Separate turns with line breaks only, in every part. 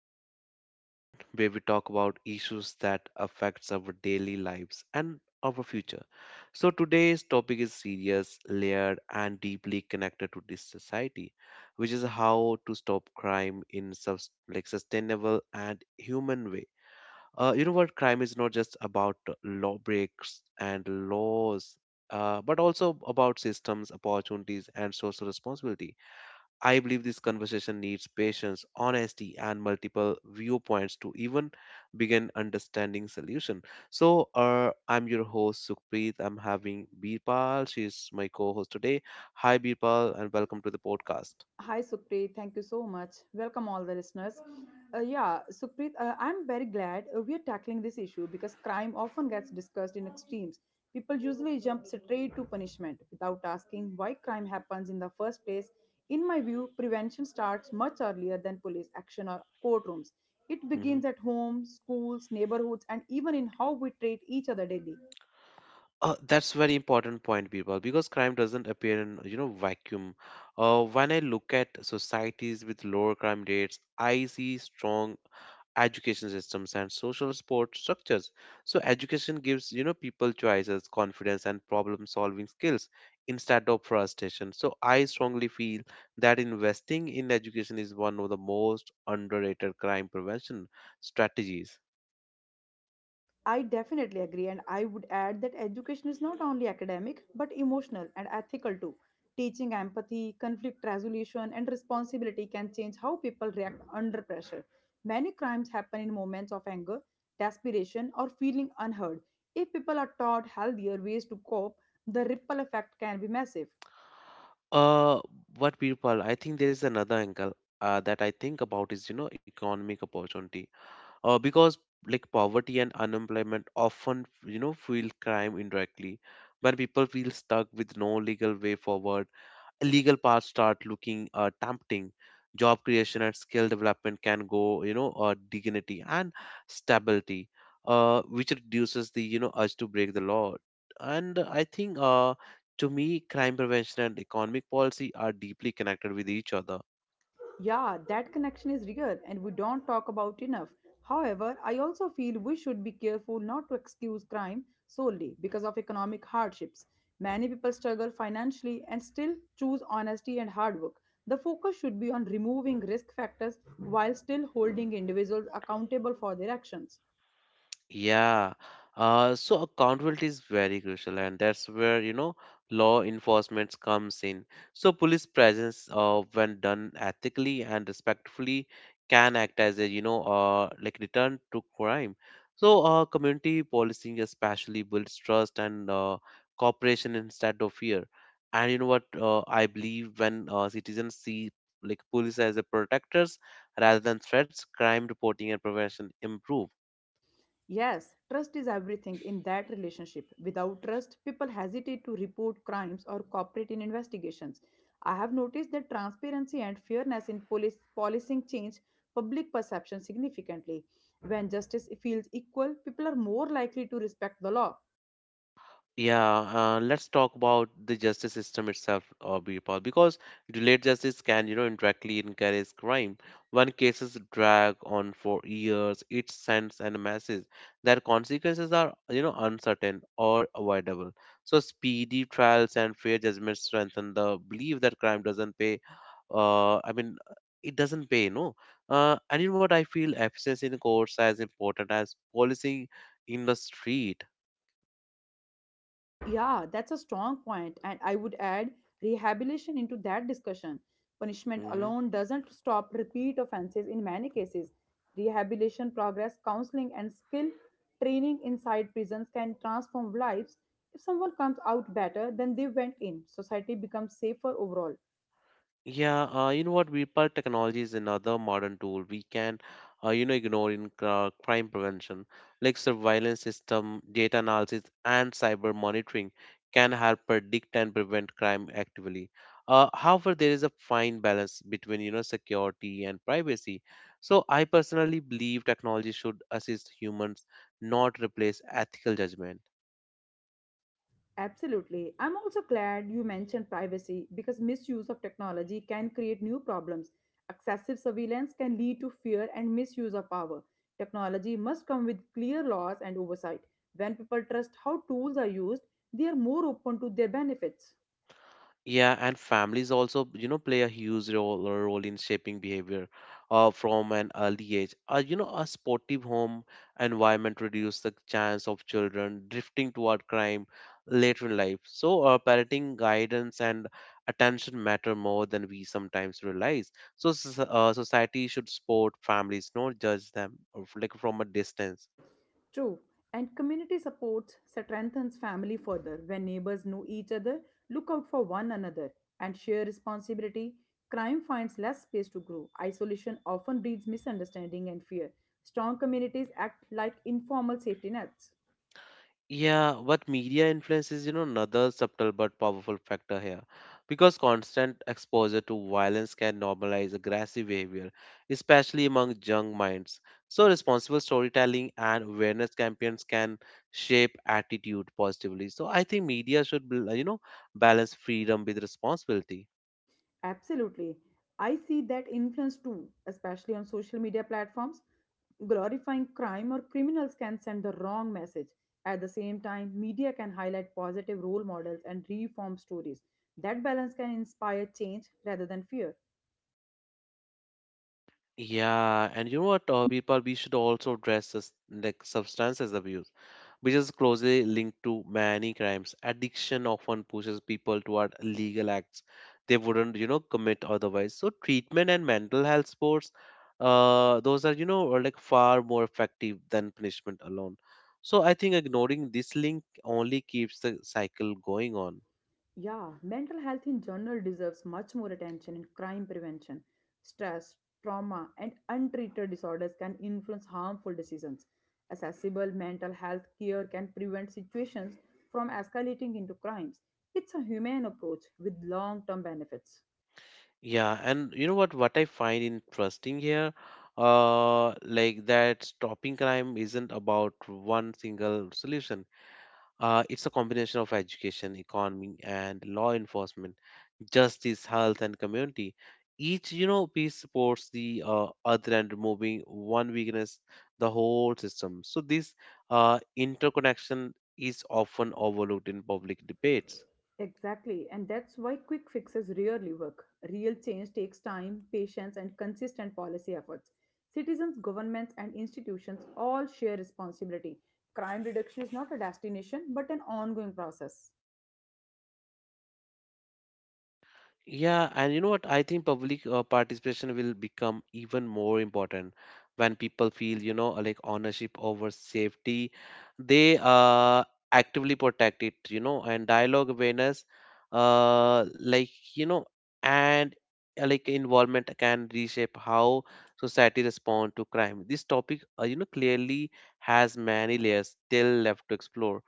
podcast, everyone, where we talk about issues that affects our daily lives and our future. So today's topic is serious, layered, and deeply connected to this society, which is how to stop crime in sustainable and human way. You know what? Crime is not just about law breaks and laws, but also about systems, opportunities, and social responsibility. I believe this conversation needs patience, honesty, and multiple viewpoints to even begin understanding solution. So, I'm your host Sukhpreet. I'm having Birpal. She's my co-host today. Hi, Birpal, and welcome to the podcast.
Hi, Supreet. Thank you so much. Welcome, all the listeners. I'm very glad we are tackling this issue because crime often gets discussed in extremes. People usually jump straight to punishment without asking why crime happens in the first place. In my view, prevention starts much earlier than police action or courtrooms. It
Hmm.
begins at home, schools, neighborhoods, and even in how we treat each other daily.
That's very important point, Birpal, because crime doesn't appear in vacuum. When I look at societies with lower crime rates, I see strong education systems and social support structures. So education gives people choices, confidence, and problem solving skills instead of frustration. So I strongly feel that investing in education is one of the most underrated crime prevention strategies.
I definitely agree, and I would add that education is not only academic but emotional and ethical too. Teaching empathy, conflict resolution, and responsibility can change how people react under pressure. Many crimes happen in moments of anger, desperation, or feeling unheard. If people are taught healthier ways to cope, the ripple effect can be massive.
Uh what people I think there is another angle that I think about is economic opportunity, because like poverty and unemployment often fuel crime indirectly. When people feel stuck with no legal way forward, illegal paths start looking tempting. Job creation and skill development can go dignity and stability, which reduces the urge to break the law. And I think to me crime prevention and economic policy are deeply connected with each other.
Yeah, that connection is real and we don't talk about enough. However, I also feel we should be careful not to excuse crime solely because of economic hardships. Many people struggle financially and still choose honesty and hard work. The focus should be on removing risk factors while still holding individuals accountable for their actions.
Yeah. So accountability is very crucial, and that's where, law enforcement comes in. So police presence, when done ethically and respectfully, can act as a, like return to crime. So community policing especially builds trust and cooperation instead of fear. And you know what? I believe when citizens see like police as a protectors rather than threats, crime reporting and prevention improve.
Yes, trust is everything in that relationship. Without trust, people hesitate to report crimes or cooperate in investigations. I have noticed that transparency and fairness in police policing change public perception significantly. When justice feels equal, people are more likely to respect the law.
Yeah, let's talk about the justice system itself, Birpal, because delayed justice can, indirectly encourage crime. When cases drag on for years, it sends a message that consequences are, uncertain or avoidable. So speedy trials and fair judgments strengthen the belief that crime doesn't pay. I mean, it doesn't pay, no. And in what I feel, efficiency in courts as important as policing in the street.
Yeah, that's a strong point, and I would add rehabilitation into that discussion. Punishment
Mm-hmm.
alone doesn't stop repeat offenses in many cases. Rehabilitation progress, counseling, and skill training inside prisons can transform lives. If someone comes out better than they went in, society becomes safer overall.
Yeah, you know what? Virpal, technology is another modern tool we can, ignore in crime prevention, like surveillance system, data analysis, and cyber monitoring can help predict and prevent crime actively. However, there is a fine balance between, security and privacy. So I personally believe technology should assist humans, not replace ethical judgment.
Absolutely. I'm also glad you mentioned privacy because misuse of technology can create new problems. Excessive surveillance can lead to fear and misuse of power. Technology must come with clear laws and oversight. When people trust how tools are used, they are more open to their benefits.
Yeah, and families also, play a huge role in shaping behavior from an early age. You know, a sportive home environment reduces the chance of children drifting toward crime later in life. So, parenting guidance and attention matter more than we sometimes realize. So, society should support families, not judge them like from a distance.
True, and community support strengthens family further when neighbors know each other, look out for one another, and share responsibility. Crime finds less space to grow. Isolation often breeds misunderstanding and fear. Strong communities act like informal safety nets.
Yeah, what media influence is, another subtle but powerful factor here. Because constant exposure to violence can normalize aggressive behavior, especially among young minds. So, responsible storytelling and awareness campaigns can shape attitude positively. So, I think media should, balance freedom with responsibility.
Absolutely. I see that influence too, especially on social media platforms. Glorifying crime or criminals can send the wrong message. At the same time, media can highlight positive role models and reform stories. That balance can inspire change rather than fear.
Yeah, and you know what, people, we should also address substances abuse which is closely linked to many crimes. Addiction often pushes people toward illegal acts they wouldn't, commit otherwise. So treatment and mental health sports, those are, are like far more effective than punishment alone. So I think ignoring this link only keeps the cycle going on.
Yeah, mental health in general deserves much more attention in crime prevention. Stress, trauma, and untreated disorders can influence harmful decisions. Accessible mental health care can prevent situations from escalating into crimes. It's a humane approach with long term benefits.
Yeah, and you know what? What I find interesting here, like that stopping crime isn't about one single solution. It's a combination of education, economy, and law enforcement, justice, health, and community. Each, piece supports the other and removing one weakness, the whole system. So this interconnection is often overlooked in public debates.
Exactly, and that's why quick fixes rarely work. Real change takes time, patience, and consistent policy efforts. Citizens, governments, and institutions all share responsibility. Crime reduction is not a destination but an ongoing process.
Yeah, and you know what? I think public participation will become even more important when people feel, like ownership over safety. They actively protect it, and dialogue awareness, like, you know, and like involvement can reshape how society respond to crime. This topic, clearly has many layers still left to explore.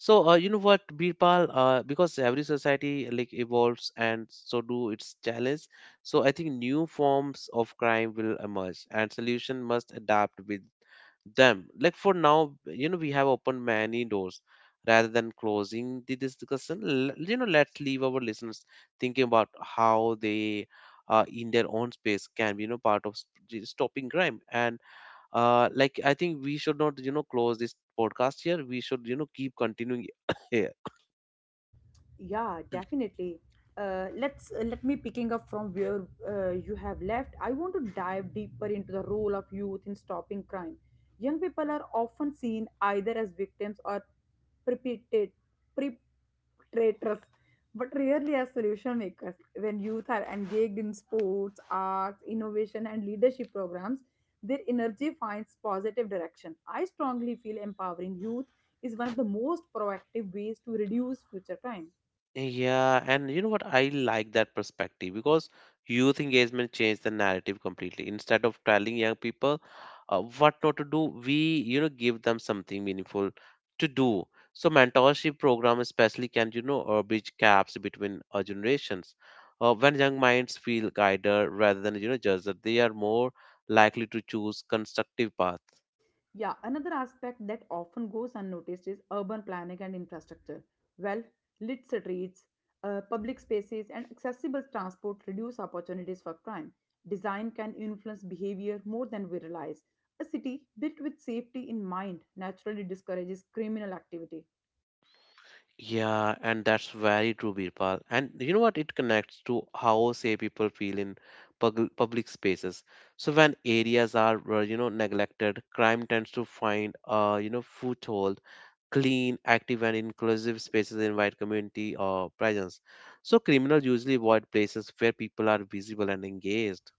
So, you know what, Birpal, because every society like evolves and so do its challenge. So I think new forms of crime will emerge and solution must adapt with them. Like for now, we have opened many doors rather than closing the discussion. You know, let's leave our listeners thinking about how they, in their own space, can be, part of stopping crime. And like I think we should not close this podcast here, we should keep continuing here.
Yeah, definitely. Let me picking up from where you have left. I want to dive deeper into the role of youth in stopping crime. Young people are often seen either as victims or perpetrate- perpetrators, but rarely as solution makers. When youth are engaged in sports, arts, innovation, and leadership programs, their energy finds positive direction. I strongly feel empowering youth is one of the most proactive ways to reduce future crime.
Yeah, and you know what? I like that perspective because youth engagement changed the narrative completely. Instead of telling young people what not to do, we give them something meaningful to do. So mentorship program especially can bridge gaps between generations. When young minds feel guided rather than judged, they are more likely to choose constructive paths.
Yeah, another aspect that often goes unnoticed is urban planning and infrastructure. Well, lit streets, public spaces, and accessible transport reduce opportunities for crime. Design can influence behavior more than we realize. A city built with safety in mind naturally discourages criminal activity.
Yeah, and that's very true, Birpal. And you know what? It connects to how, say, people feel in public spaces. So when areas are, neglected, crime tends to find, foothold. Clean, active, and inclusive spaces invite community presence. So criminals usually avoid places where people are visible and engaged.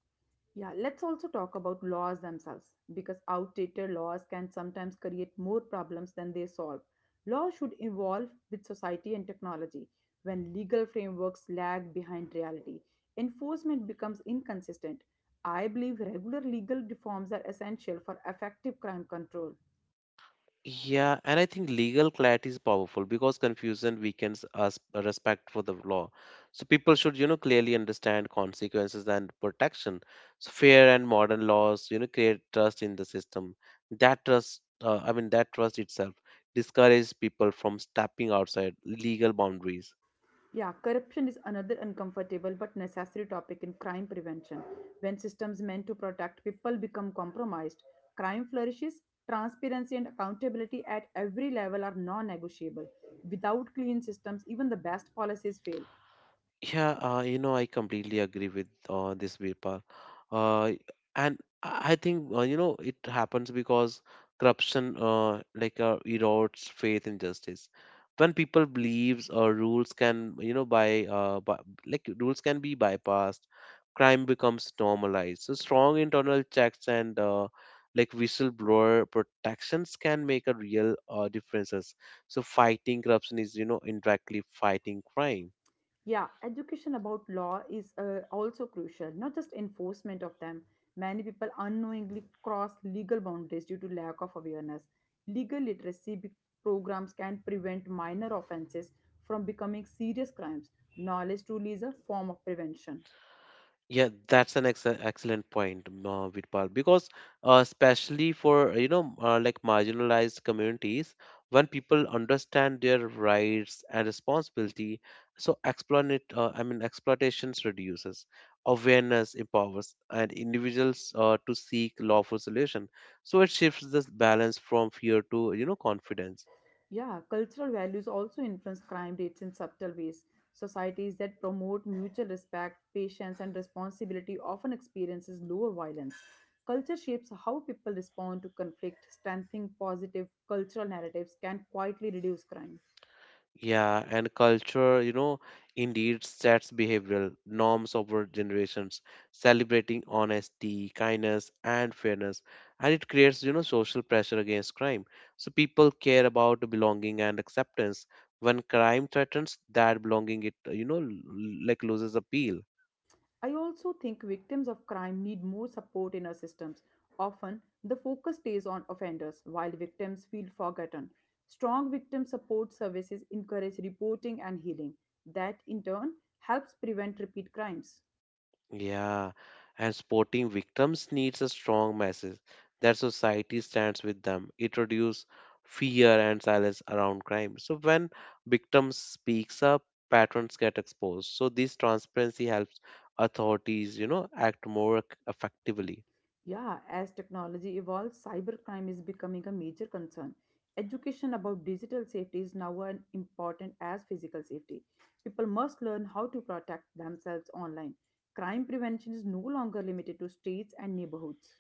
Yeah, let's also talk about laws themselves because outdated laws can sometimes create more problems than they solve. Law should evolve with society and technology. When legal frameworks lag behind reality, enforcement becomes inconsistent. I believe regular legal reforms are essential for effective crime control.
Yeah, and I think legal clarity is powerful because confusion weakens us respect for the law. So people should, clearly understand consequences and protection. So fair and modern laws, create trust in the system. That trust, I mean, that trust itself discourages people from stepping outside legal boundaries.
Yeah, corruption is another uncomfortable but necessary topic in crime prevention. When systems meant to protect people become compromised, crime flourishes. Transparency and accountability at every level are non negotiable. Without clean systems, even the best policies fail.
Yeah, you know, I completely agree with this Virpal. Uh, and I think, you know, it happens because corruption erodes faith in justice. When people believes rules can, you know, by like rules can be bypassed, crime becomes normalized. So strong internal checks and like whistleblower protections can make a real differences. So fighting corruption is, indirectly fighting crime.
Yeah, education about law is also crucial, not just enforcement of them. Many people unknowingly cross legal boundaries due to lack of awareness. Legal literacy programs can prevent minor offenses from becoming serious crimes. Knowledge truly is a form of prevention.
Yeah, that's an ex excellent point, Virpal, because especially for like marginalized communities, when people understand their rights and responsibility, so exploit I mean exploitations reduces, awareness empowers, and individuals to seek lawful solution. So it shifts this balance from fear to confidence.
Yeah, cultural values also influence crime rates in subtle ways. Societies that promote mutual respect, patience, and responsibility often experiences lower violence. Culture shapes how people respond to conflict. Strengthening positive cultural narratives can quietly reduce crime.
Yeah, and culture, indeed sets behavioral norms over generations, celebrating honesty, kindness, and fairness. And it creates, social pressure against crime. So people care about belonging and acceptance. When crime threatens that belonging, it, like loses appeal.
I also think victims of crime need more support in our systems. Often, the focus stays on offenders while victims feel forgotten. Strong victim support services encourage reporting and healing. That, in turn, helps prevent repeat crimes.
Yeah, and supporting victims needs a strong message that society stands with them. It reduces fear and silence around crime. So when victims speaks up, patterns get exposed. So this transparency helps authorities, act more effectively.
Yeah, as technology evolves, cybercrime is becoming a major concern. Education about digital safety is now as important as physical safety. People must learn how to protect themselves online. Crime prevention is no longer limited to streets and neighborhoods.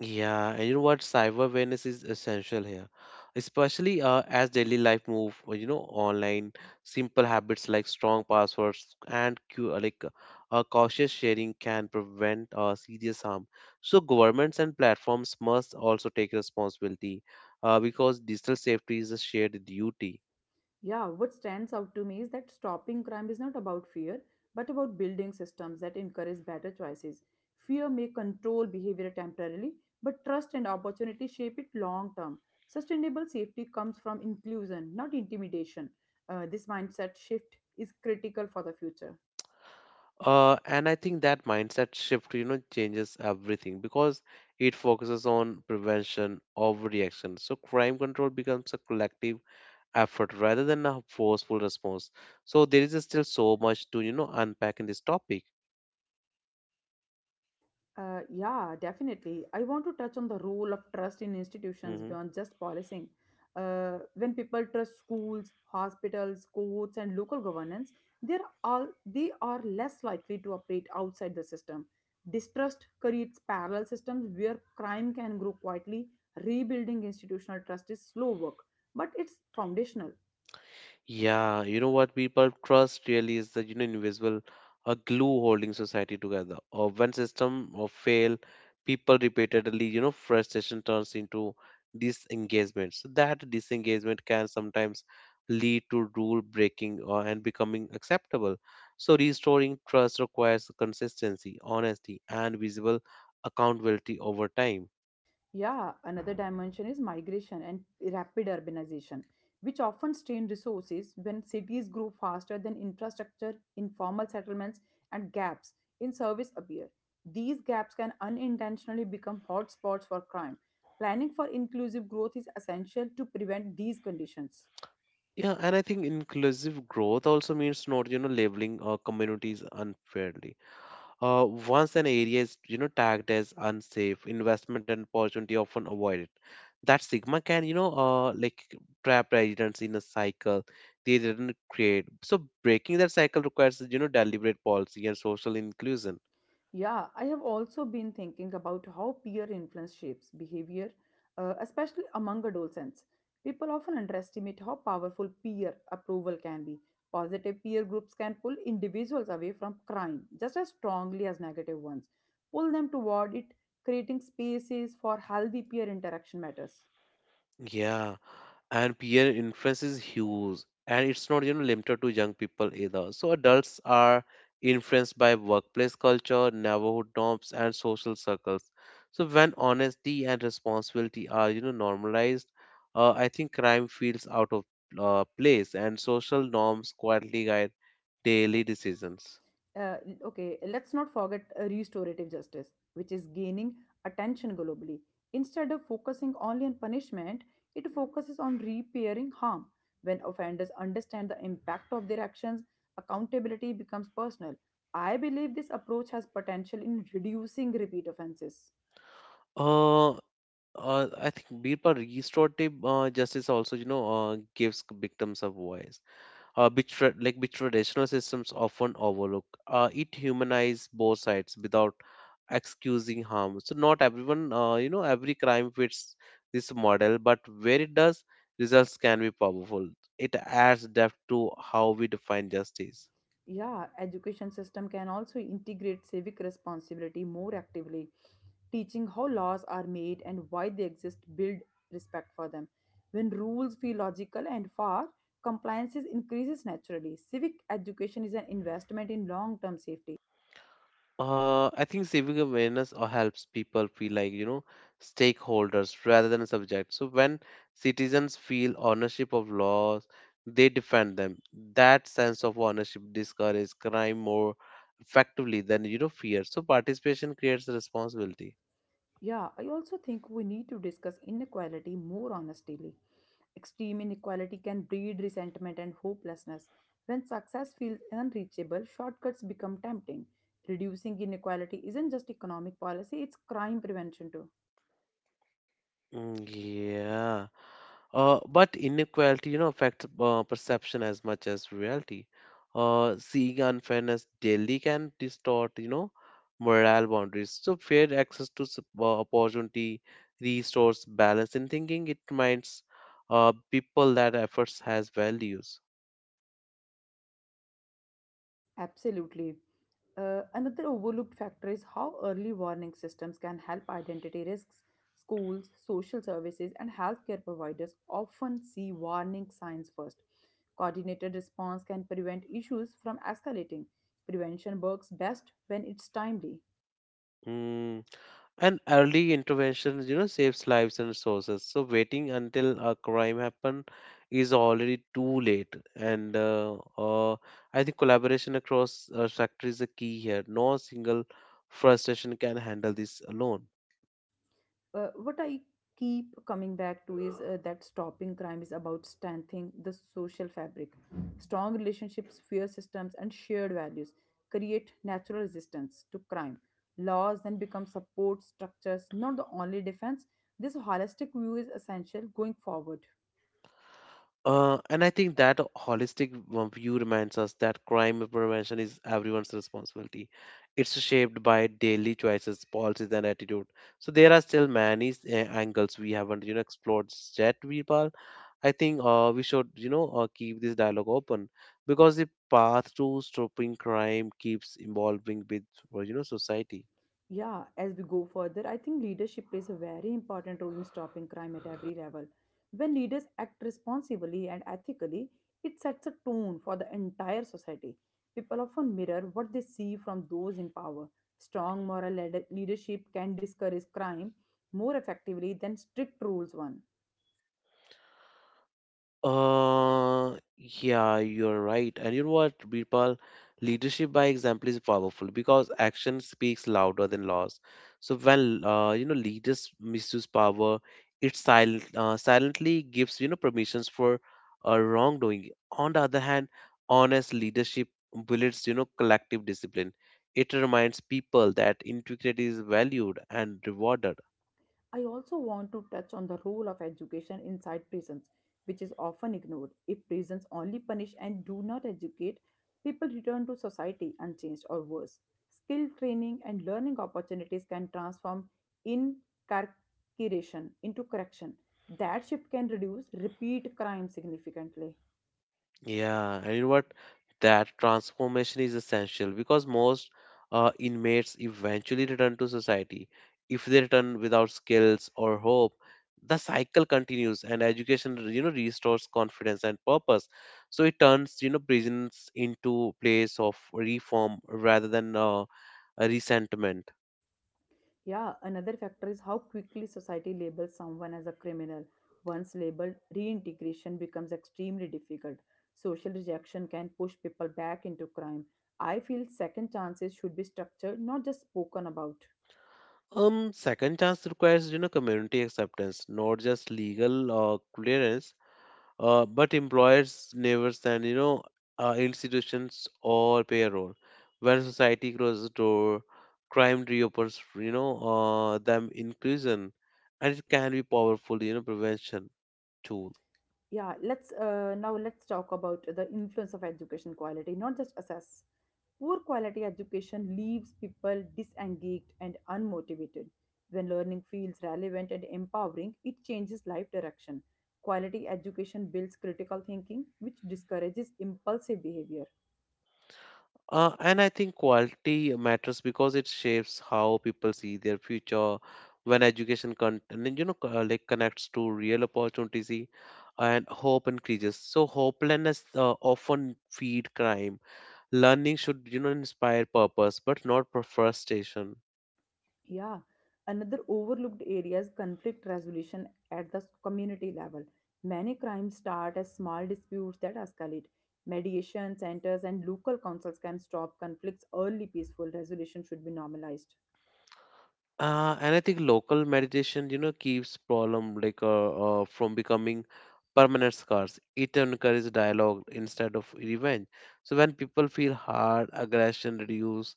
Yeah, and you know what? Cyber awareness is essential here, especially as daily life move, online. Simple habits like strong passwords and cautious sharing can prevent serious harm. So governments and platforms must also take responsibility because digital safety is a shared duty.
Yeah, what stands out to me is that stopping crime is not about fear, but about building systems that encourage better choices. Fear may control behavior temporarily, but trust and opportunity shape it long term. Sustainable safety comes from inclusion, not intimidation. This mindset shift is critical for the future.
And I think that mindset shift, changes everything because it focuses on prevention of reaction. So crime control becomes a collective effort rather than a forceful response. So there is still so much to unpack in this topic.
Yeah, Definitely. I want to touch on the role of trust in institutions
Hmm.
beyond just policing. When people trust schools, hospitals, courts, and local governance, they are less likely to operate outside the system. Distrust creates parallel systems where crime can grow quietly. Rebuilding institutional trust is slow work, but it's foundational.
Yeah, you know what, people, trust really is the invisible a glue holding society together. Or when system or fail, people repeatedly frustration turns into disengagement. So that disengagement can sometimes lead to rule breaking or and becoming acceptable. So restoring trust requires consistency, honesty, and visible accountability over time.
Yeah, another dimension is migration and rapid urbanization, which often strain resources when cities grow faster than infrastructure, informal settlements, and gaps in service appear. These gaps can unintentionally become hotspots for crime. Planning for inclusive growth is essential to prevent these conditions.
Yeah, and I think inclusive growth also means not labeling communities unfairly. Once an area is tagged as unsafe, investment and opportunity often avoided. That stigma can like trap residents in a cycle they didn't create. So breaking that cycle requires deliberate policy and social inclusion.
Yeah, I have also been thinking about how peer influence shapes behavior, especially among adolescents. People often underestimate how powerful peer approval can be. Positive peer groups can pull individuals away from crime just as strongly as negative ones, pull them toward it, creating spaces for healthy peer interaction matters.
Yeah, and peer influence is huge, and it's not limited to young people either. So adults are influenced by workplace culture, neighborhood norms, and social circles. So when honesty and responsibility are normalized, I think crime feels out of place, and social norms quietly guide daily decisions.
uh, okay, let's not forget restorative justice, which is gaining attention globally. Instead of focusing only on punishment, it focuses on repairing harm. When offenders understand the impact of their actions, accountability becomes personal. I believe this approach has potential in reducing repeat offenses.
Uh, I think Birpa restorative justice also gives victims a voice which which traditional systems often overlook. It humanizes both sides without excusing harm. So not everyone, you know, every crime fits this model, but where it does, results can be powerful. It adds depth to how we define justice.
Yeah, education system can also integrate civic responsibility more actively, teaching how laws are made and why they exist build respect for them. When rules feel logical and fair, increases naturally. Civic education is an investment in long-term safety.
I think civic awareness or helps people feel like, you know, stakeholders rather than subjects. So when citizens feel ownership of laws, they defend them. That sense of ownership discourages crime more effectively than, you know, fear. So participation creates responsibility.
Yeah, I also think we need to discuss inequality more honestly. Extreme inequality can breed resentment and hopelessness. When success feels unreachable, shortcuts become tempting. Reducing inequality isn't just economic policy, it's crime prevention too.
Mm, yeah. But inequality, you know, affects perception as much as reality. Seeing unfairness daily can distort, you know, moral boundaries. So fair access to opportunity restores balance in thinking. It reminds people that efforts has values.
Absolutely. Another overlooked factor is how early warning systems can help identity risks. Schools, social services, and healthcare providers often see warning signs first. Coordinated response can prevent issues from escalating. Prevention works best when it's timely.
Hmm. And early intervention, you know, saves lives and resources. So waiting until a crime happen is already too late. And I think collaboration across sector is a key here. No single frustration can handle this alone.
What I keep coming back to is that stopping crime is about strengthening the social fabric. Strong relationships, fair systems, and shared values create natural resistance to crime. Laws then become support structures, not the only defense. This holistic view is essential going forward.
And I think that holistic view reminds us that crime prevention is everyone's responsibility. It's shaped by daily choices, policies, and attitude. So there are still many angles we haven't, you know, explored yet, Veerpal. I think we should, keep this dialogue open because the path to stopping crime keeps evolving with, you know, society.
Yeah, as we go further, I think leadership plays a very important role in stopping crime at every level. When leaders act responsibly and ethically, it sets a tone for the entire society. People often mirror what they see from those in power. Strong moral leadership can discourage crime more effectively than strict rules one.
Yeah, you're right. And you know what, Birpal? Leadership by example is powerful because action speaks louder than laws. So when you know, leaders misuse power, it silently gives you know permissions for wrongdoing. On the other hand, honest leadership builds you know collective discipline. It reminds people that integrity is valued and rewarded.
I also want to touch on the role of education inside prisons, which is often ignored. If prisons only punish and do not educate, people return to society unchanged or worse. Skill training and learning opportunities can transform incarceration into correction. That shift can reduce repeat crime significantly.
Yeah, and you know what? That transformation is essential because most inmates eventually return to society. If they return without skills or hope, the cycle continues, and education, you know, restores confidence and purpose. So it turns, you know, prisons into place of reform rather than a resentment.
Yeah, another factor is how quickly society labels someone as a criminal. Once labeled, reintegration becomes extremely difficult. Social rejection can push people back into crime. I feel second chances should be structured, not just spoken about.
Second chance requires, you know, community acceptance, not just legal clearance, but employers never stand, institutions or payroll. When society closes the door, crime reopens, them in prison, and it can be powerful, you know, prevention tool.
Yeah, let's now let's talk about the influence of education quality, not just assess. Poor quality education leaves people disengaged and unmotivated. When learning feels relevant and empowering, it changes life direction. Quality education builds critical thinking, which discourages impulsive behavior.
And I think quality matters because it shapes how people see their future. When you know, connects to real opportunities, and hope increases, so hopelessness often feed crime. Learning should, you know, inspire purpose, but not for frustration.
Yeah, another overlooked area is conflict resolution at the community level. Many crimes start as small disputes that escalate. Mediation centers and local councils can stop conflicts early. Peaceful resolution should be normalized.
And I think local meditation, you know, keeps problem from becoming permanent scars. It encourages dialogue instead of revenge. So when people feel hard, aggression reduce,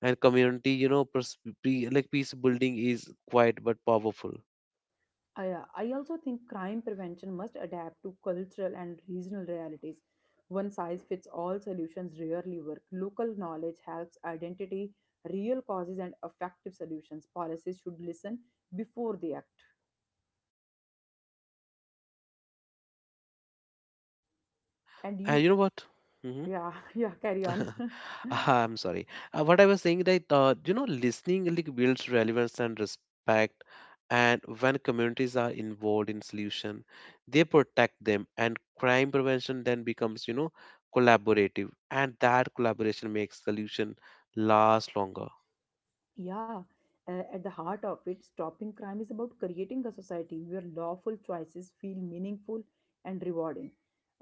and community, you know, peace building is quiet but powerful.
I also think crime prevention must adapt to cultural and regional realities. One size fits all solutions rarely work. Local knowledge helps identity real causes and effective solutions. Policies should listen before they act. And
And
you.
you know what? Mm-hmm.
Yeah, yeah, carry on.
Ah, I'm sorry. What I was saying that you know, listening like builds relevance and respect, and when communities are involved in solution, they protect them, and crime prevention then becomes you know collaborative, and that collaboration makes solution last longer.
Yeah, at the heart of it, stopping crime is about creating a society where lawful choices feel meaningful and rewarding.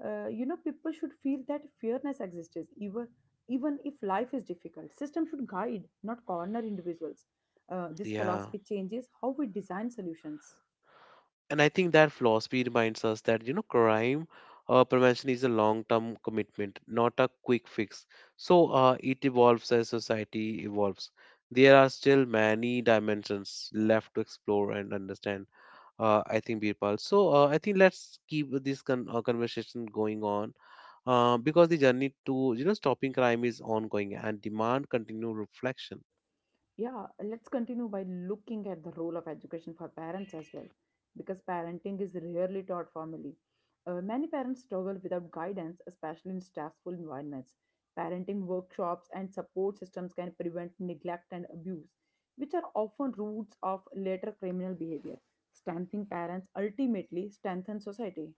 People should feel that fairness exists, even if life is difficult. System should guide, not corner individuals. This
Yeah.
philosophy changes how we design solutions.
And I think that philosophy reminds us that you know crime prevention is a long term commitment, not a quick fix. So it evolves as society evolves. There are still many dimensions left to explore and understand. I think, Birpal, so I think let's keep this conversation going on because the journey to you know stopping crime is ongoing and demand continued reflection.
Yeah, let's continue by looking at the role of education for parents as well, because parenting is rarely taught formally. Many parents struggle without guidance, especially in stressful environments. Parenting workshops and support systems can prevent neglect and abuse, which are often roots of later criminal behavior. Strengthening parents ultimately strengthens society.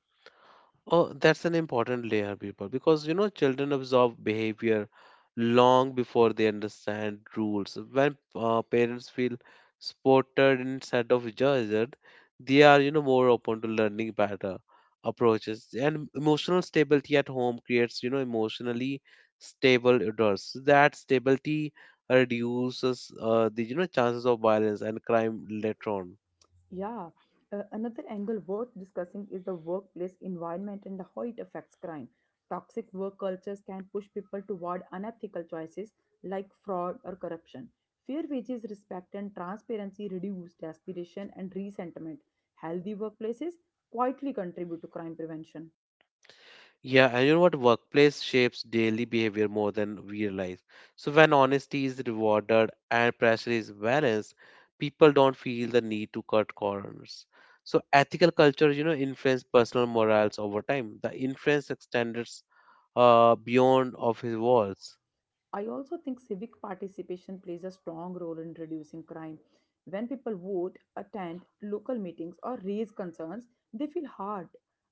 Oh, that's an important layer, people, because you know children absorb behavior long before they understand rules. When parents feel supported instead of judged, they are you know more open to learning better approaches. And emotional stability at home creates you know emotionally stable adults. That stability reduces the you know chances of violence and crime later on.
Yeah, another angle worth discussing is the workplace environment and how it affects crime. Toxic work cultures can push people toward unethical choices like fraud or corruption. Fair wages, respect, and transparency reduce desperation and resentment. Healthy workplaces quietly contribute to crime prevention.
Yeah, and you know what? Workplace shapes daily behavior more than we realize. So when honesty is rewarded and pressure is balanced, people don't feel the need to cut corners. So ethical culture, you know, influence personal morals over time. The influence extends beyond office walls.
I also think civic participation plays a strong role in reducing crime. When people vote, attend local meetings, or raise concerns, they feel heard.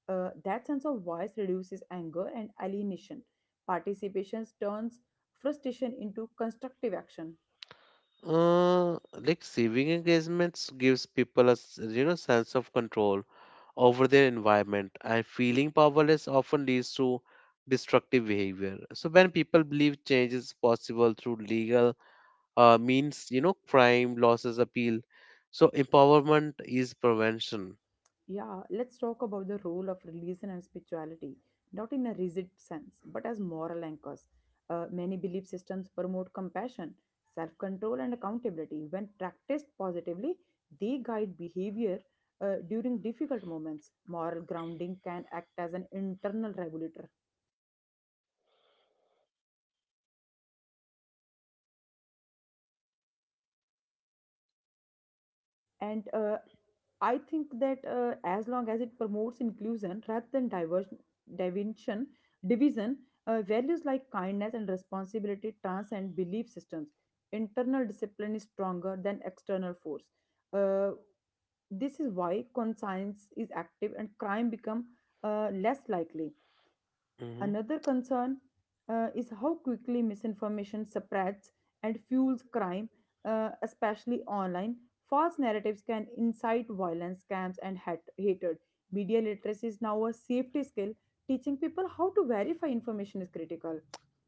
That sense of voice reduces anger and alienation. Participation turns frustration into constructive action.
Like saving engagements gives people a you know sense of control over their environment, and feeling powerless often leads to destructive behavior. So when people believe change is possible through legal means, you know, crime, losses, appeal. So empowerment is prevention.
Yeah, let's talk about the role of religion and spirituality, not in a rigid sense, but as moral anchors. Many belief systems promote compassion, self control, and accountability. When practiced positively, they guide behavior during difficult moments. Moral grounding can act as an internal regulator, and I think that as long as it promotes inclusion rather than diversion division division values like kindness and responsibility transcend belief systems. Internal discipline is stronger than external force. uh, this is why, conscience is active and crime become less likely.
Mm-hmm.
Another concern is how quickly misinformation spreads and fuels crime, especially online. False narratives can incite violence, scams, and hatred. Media literacy is now a safety skill. Teaching people how to verify information is critical.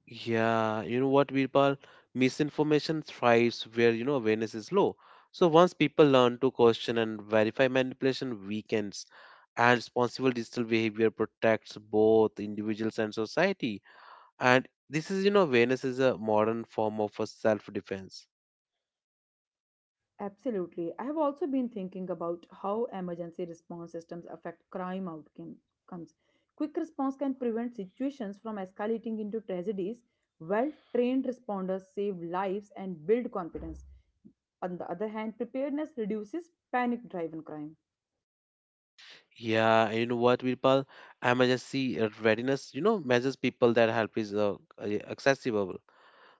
Yeah, you know what, Virpal? Misinformation thrives where, you know, awareness is low. So once people learn to question and verify manipulation weakens, and responsible digital behavior protects both individuals and society. And this is, you know, awareness is a modern form of a self-defense.
Absolutely. I have also been thinking about how emergency response systems affect crime outcomes. Quick response can prevent situations from escalating into tragedies. Well trained responders save lives and build confidence. On the other hand, preparedness reduces panic driven crime.
Yeah, you know what, Virpal? Emergency readiness, you know, measures people that help is accessible,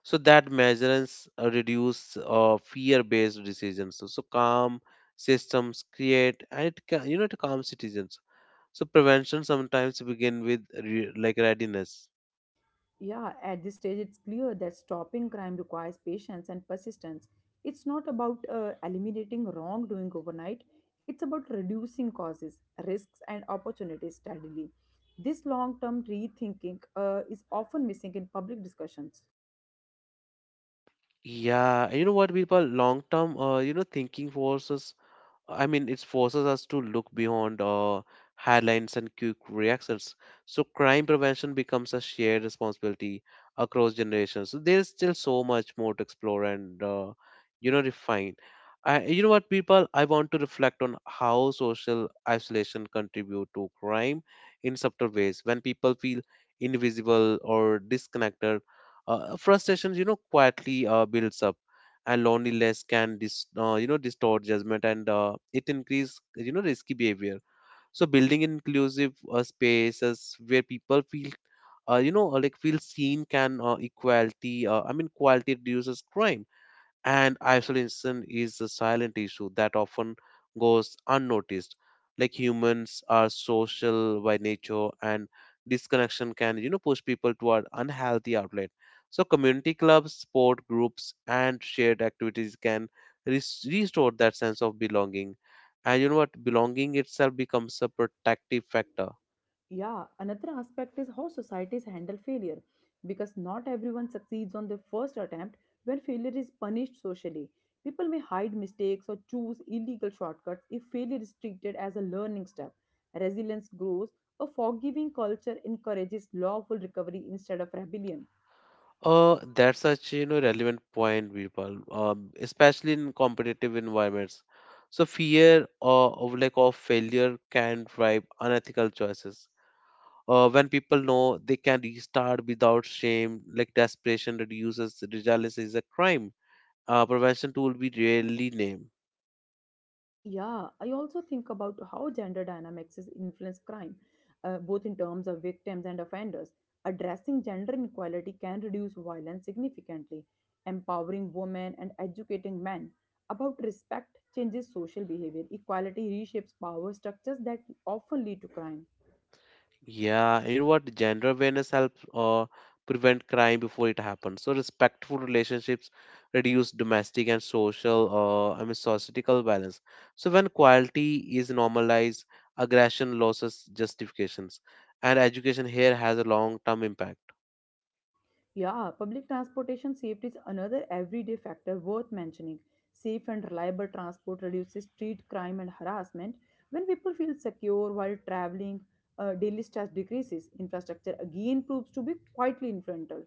so that measures reduce fear-based decisions, so, so calm systems create and it you know to calm citizens, so prevention sometimes begin with readiness.
Yeah, at this stage, it's clear that stopping crime requires patience and persistence. It's not about eliminating wrongdoing overnight, it's about reducing causes, risks, and opportunities steadily. This long term rethinking is often missing in public discussions.
Yeah, and you know what, people, long-term you know thinking forces, I mean, it forces us to look beyond headlines and quick reactions. So crime prevention becomes a shared responsibility across generations. So there is still so much more to explore and, you know, refine. You know what, people? I want to reflect on how social isolation contribute to crime in subtle ways. When people feel invisible or disconnected, frustration, you know, quietly builds up, and loneliness can you know distort judgment, and it increase you know risky behavior. So building inclusive spaces where people feel feel seen can equality I mean quality reduces crime, and isolation is a silent issue that often goes unnoticed. Like humans are social by nature, and disconnection can you know push people toward unhealthy outlet. So community clubs, sport groups, and shared activities can restore that sense of belonging. And you know what? Belonging itself becomes a protective factor.
Yeah, another aspect is how societies handle failure, because not everyone succeeds on their first attempt. When failure is punished socially, people may hide mistakes or choose illegal shortcuts. If failure is treated as a learning step, resilience grows. A forgiving culture encourages lawful recovery instead of rebellion.
That's such you know relevant point, people, especially in competitive environments. So fear of failure can drive unethical choices. When people know they can restart without shame, like desperation reduces. Resilience is a crime prevention tool we rarely name.
Yeah, I also think about how gender dynamics is influence crime, both in terms of victims and offenders. Addressing gender inequality can reduce violence significantly. Empowering women and educating men about respect changes social behavior. Equality reshapes power structures that often lead to crime.
Yeah, and you know what, gender awareness helps prevent crime before it happens. So respectful relationships reduce domestic and social I mean societal violence. So when quality is normalized, aggression loses justifications, and education here has a long term impact.
Yeah, public transportation safety is another everyday factor worth mentioning. Safe and reliable transport reduces street crime and harassment. When people feel secure while traveling, daily stress decreases. Infrastructure again proves to be quietly influential.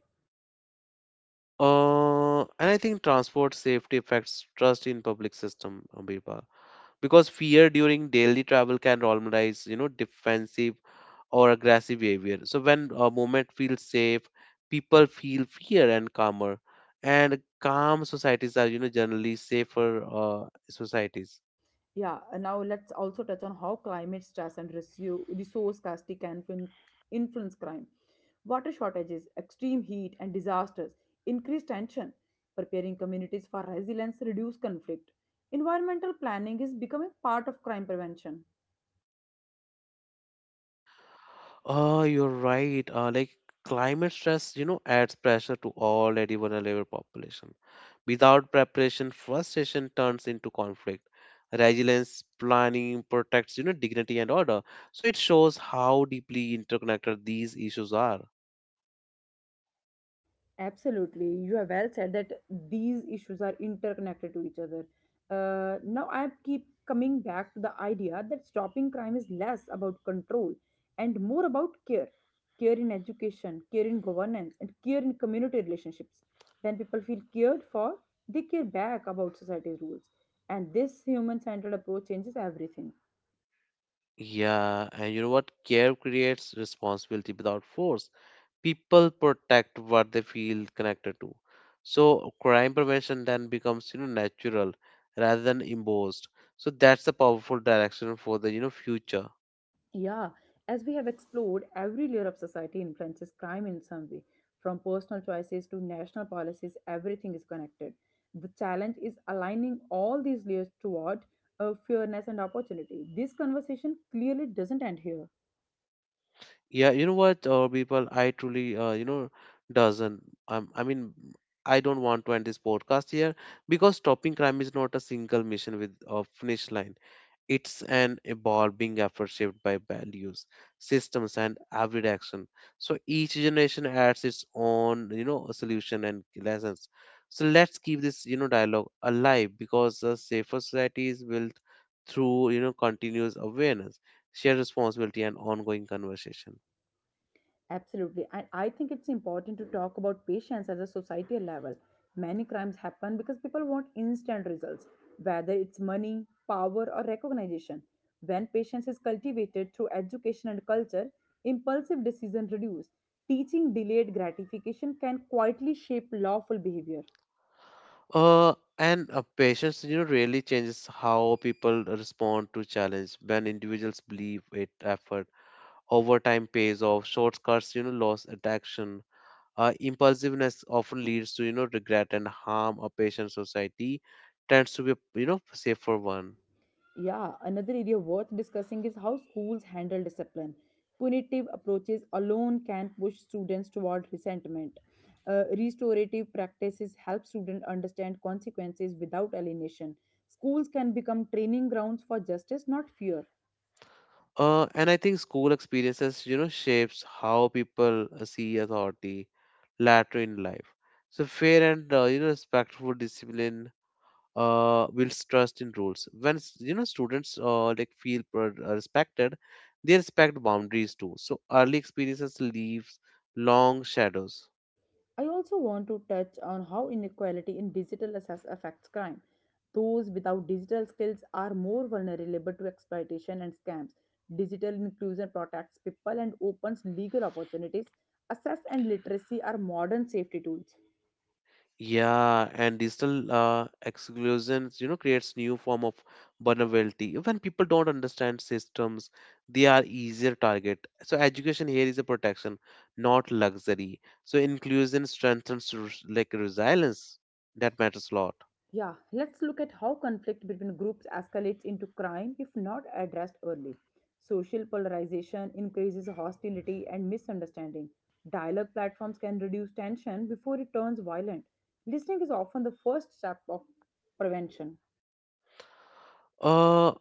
And I think transport safety affects trust in public system, Birbal, because fear during daily travel can normalize, you know, defensive or aggressive behavior. So when a movement feels safe, people feel fear and calmer, and calm societies are, you know, generally safer societies.
Yeah, and now let's also touch on how climate stress and resource scarcity can influence crime. Water shortages, extreme heat, and disasters increase tension. Preparing communities for resilience reduce conflict. Environmental planning is becoming part of crime prevention.
Oh, you're right. Like climate stress, you know, adds pressure to already vulnerable population. Without preparation, frustration turns into conflict. Resilience planning protects, you know, dignity and order. So it shows how deeply interconnected these issues are.
Absolutely. You have well said that these issues are interconnected to each other. Now, I keep coming back to the idea that stopping crime is less about control and more about care. Care in education, care in governance, and care in community relationships. When people feel cared for, they care back about society's rules. And this human centered approach changes everything.
Yeah, and you know what? Care creates responsibility without force. People protect what they feel connected to. So crime prevention then becomes you know natural rather than imposed. So that's the powerful direction for the you know future.
Yeah, as we have explored, every layer of society influences crime in some way. From personal choices to national policies, everything is connected. The challenge is aligning all these layers toward fairness and opportunity. This conversation clearly doesn't end here.
Yeah, you know what, people, I truly you know doesn't. I mean, I don't want to end this podcast here because stopping crime is not a single mission with a finish line. It's an evolving effort shaped by values, systems, and everyday action. So each generation adds its own, you know, solution and lessons. So let's keep this, you know, dialogue alive because a safer society is built through, you know, continuous awareness, shared responsibility, and ongoing conversation.
Absolutely. And I think it's important to talk about patience as a societal level. Many crimes happen because people want instant results, whether it's money, power, or recognition. When patience is cultivated through education and culture, impulsive decisions reduce. Teaching delayed gratification can quietly shape lawful behavior.
And Patience, you know, really changes how people respond to challenge. When individuals believe it effort overtime pays off, shortcuts you know loss attraction. Impulsiveness often leads to you know regret and harm. A patient society tends to be a, you know, safer one.
Yeah, another area worth discussing is how schools handle discipline. Punitive approaches alone can push students toward resentment. Restorative practices help students understand consequences without alienation. Schools can become training grounds for justice, not fear.
And I think school experiences you know shapes how people see authority later in life. So fair and you know respectful discipline builds trust in rules. When you know students respected, they respect boundaries too. So early experiences leaves long shadows.
I also want to touch on how inequality in digital access affects crime. Those without digital skills are more vulnerable to exploitation and scams. Digital inclusion protects people and opens legal opportunities. Access and literacy are modern safety tools.
Yeah, and digital exclusions, you know, creates new form of vulnerability. When people don't understand systems, they are easier target. So education here is a protection, not luxury. So inclusion strengthens resilience. That matters a lot.
Yeah, let's look at how conflict between groups escalates into crime if not addressed early. Social polarization increases hostility and misunderstanding. Dialogue platforms can reduce tension before it turns violent. Listening is often the first step of prevention.
Uh,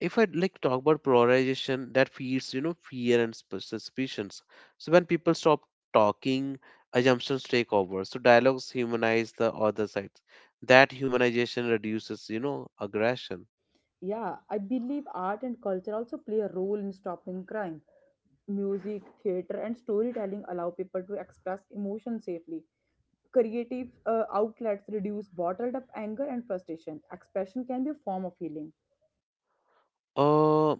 if I like talk about polarization, that feeds you know fear and suspicions. So when people stop talking, assumptions take over. So dialogues humanize the other sides. That humanization reduces you know aggression.
Yeah, I believe art and culture also play a role in stopping crime. Music, theater, and storytelling allow people to express emotion safely. Creative outlets reduce bottled up anger and frustration. Expression can be a form of healing.
Uh,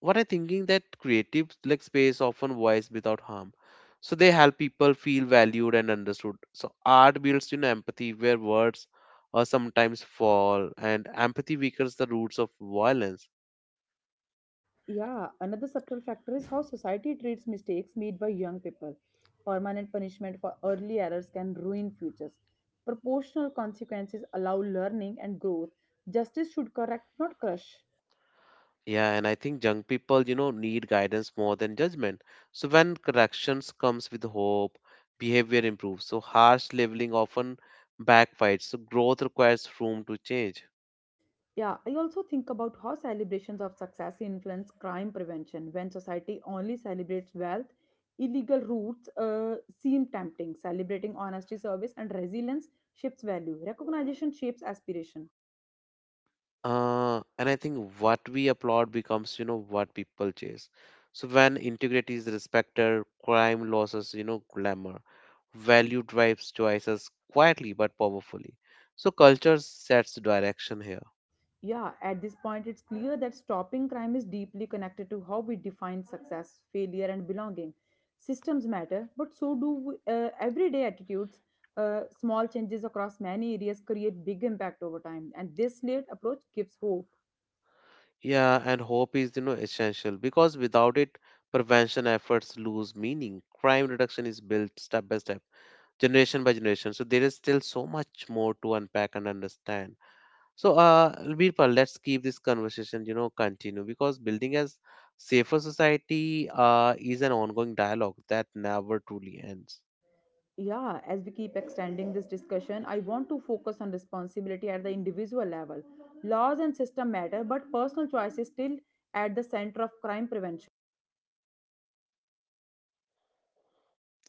what I thinking that creative like space often voice without harm. So they help people feel valued and understood. So art builds empathy where words sometimes fall, and empathy weakens the roots of violence.
Yeah, another subtle factor is how society treats mistakes made by young people. Permanent punishment for early errors can ruin futures. Proportional consequences allow learning and growth. Justice should correct, not crush.
Yeah, and I think young people, you know, need guidance more than judgment. So when corrections comes with hope, behavior improves. So harsh labeling often backfires. So growth requires room to change.
Yeah, I also think about how celebrations of success influence crime prevention. When society only celebrates wealth, illegal routes seem tempting. Celebrating honesty, service, and resilience shifts value. Recognition shapes aspiration.
And I think what we applaud becomes, you know, what people chase. So when integrity is respected, crime losses, you know, glamour. Value drives choices quietly but powerfully. So culture sets direction here.
Yeah, at this point, it's clear that stopping crime is deeply connected to how we define success, failure, and belonging. Systems matter, but so do everyday attitudes. Small changes across many areas create big impact over time, and this layered approach gives hope.
Yeah, and hope is, you know, essential because without it, prevention efforts lose meaning. Crime reduction is built step by step, generation by generation. So there is still so much more to unpack and understand. So, Birpal, let's keep this conversation, you know, continue because building a safer society, is an ongoing dialogue that never truly ends.
Yeah, as we keep extending this discussion, I want to focus on responsibility at the individual level. Laws and system matter, but personal choice is still at the center of crime prevention.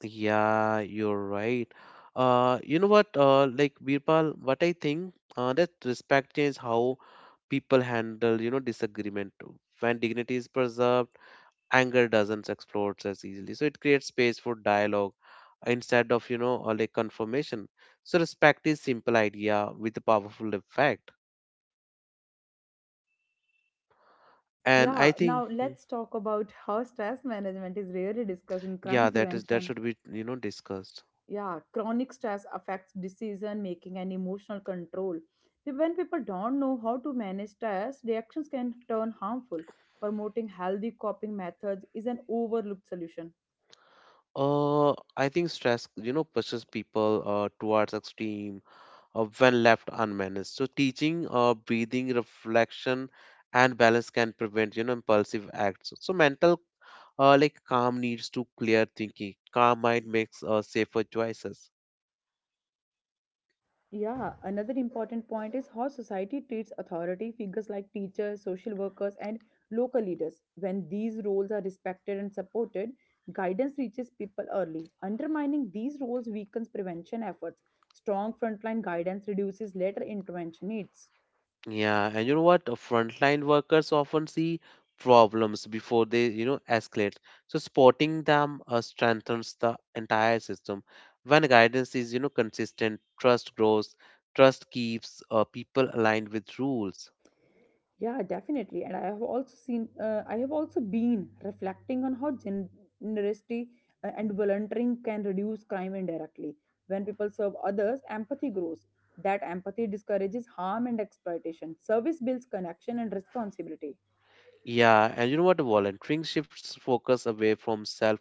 Yeah, you're right. You know what? Like Birpal, what I think that respect is how people handle, you know, disagreement. When dignity is preserved, anger doesn't explode as easily. So it creates space for dialogue instead of, you know, or like confirmation. So respect is simple idea with a powerful effect. And
Yeah,
I think,
now let's talk about how stress management is rarely discussed in
yeah,
crime
that
prevention.
should be, you know, discussed.
Yeah, chronic stress affects decision making and emotional control. When people don't know how to manage stress, reactions can turn harmful. Promoting healthy coping methods is an overlooked solution.
Uh, I think stress, you know, pushes people towards extreme when left unmanaged. So teaching breathing, reflection, and balance can prevent impulsive acts. So mental like calm needs to clear thinking. Calm mind makes safer choices.
Yeah, another important point is how society treats authority figures like teachers, social workers, and local leaders. When these roles are respected and supported, guidance reaches people early. Undermining these roles weakens prevention efforts. Strong frontline guidance reduces later intervention needs.
Yeah, and you know what? Frontline workers often see problems before they escalate. So spotting them strengthens the entire system. When guidance is consistent, trust grows. Trust keeps people aligned with rules.
Yeah, definitely. And I have also seen, I have also been reflecting on how generosity and volunteering can reduce crime indirectly. When people serve others, empathy grows. That empathy discourages harm and exploitation. Service builds connection and responsibility.
Yeah, and you know what? Volunteering shifts focus away from self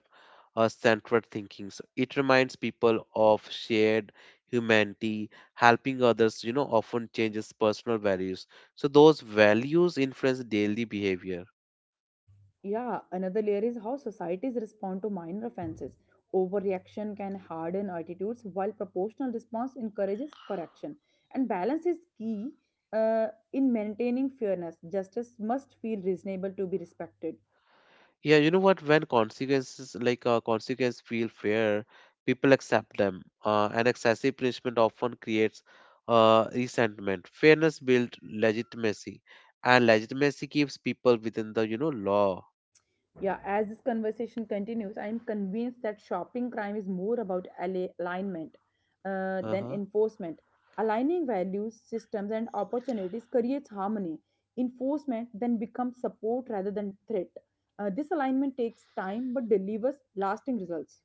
centered thinking. So it reminds people of shared humanity, helping others, you know, often changes personal values. So those values influence daily behavior.
Yeah, another layer is how societies respond to minor offenses. Overreaction can harden attitudes, while proportional response encourages correction. And balance is key in maintaining fairness. Justice must feel reasonable to be respected.
Yeah, you know what? When consequences like consequences feel fair, people accept them. And excessive punishment often creates resentment. Fairness builds legitimacy, and legitimacy keeps people within the law.
Yeah, as this conversation continues, I am convinced that shopping crime is more about alignment than
Uh-huh.
enforcement. Aligning values, systems, and opportunities creates harmony. Enforcement then becomes support rather than threat. This alignment takes time but delivers lasting results.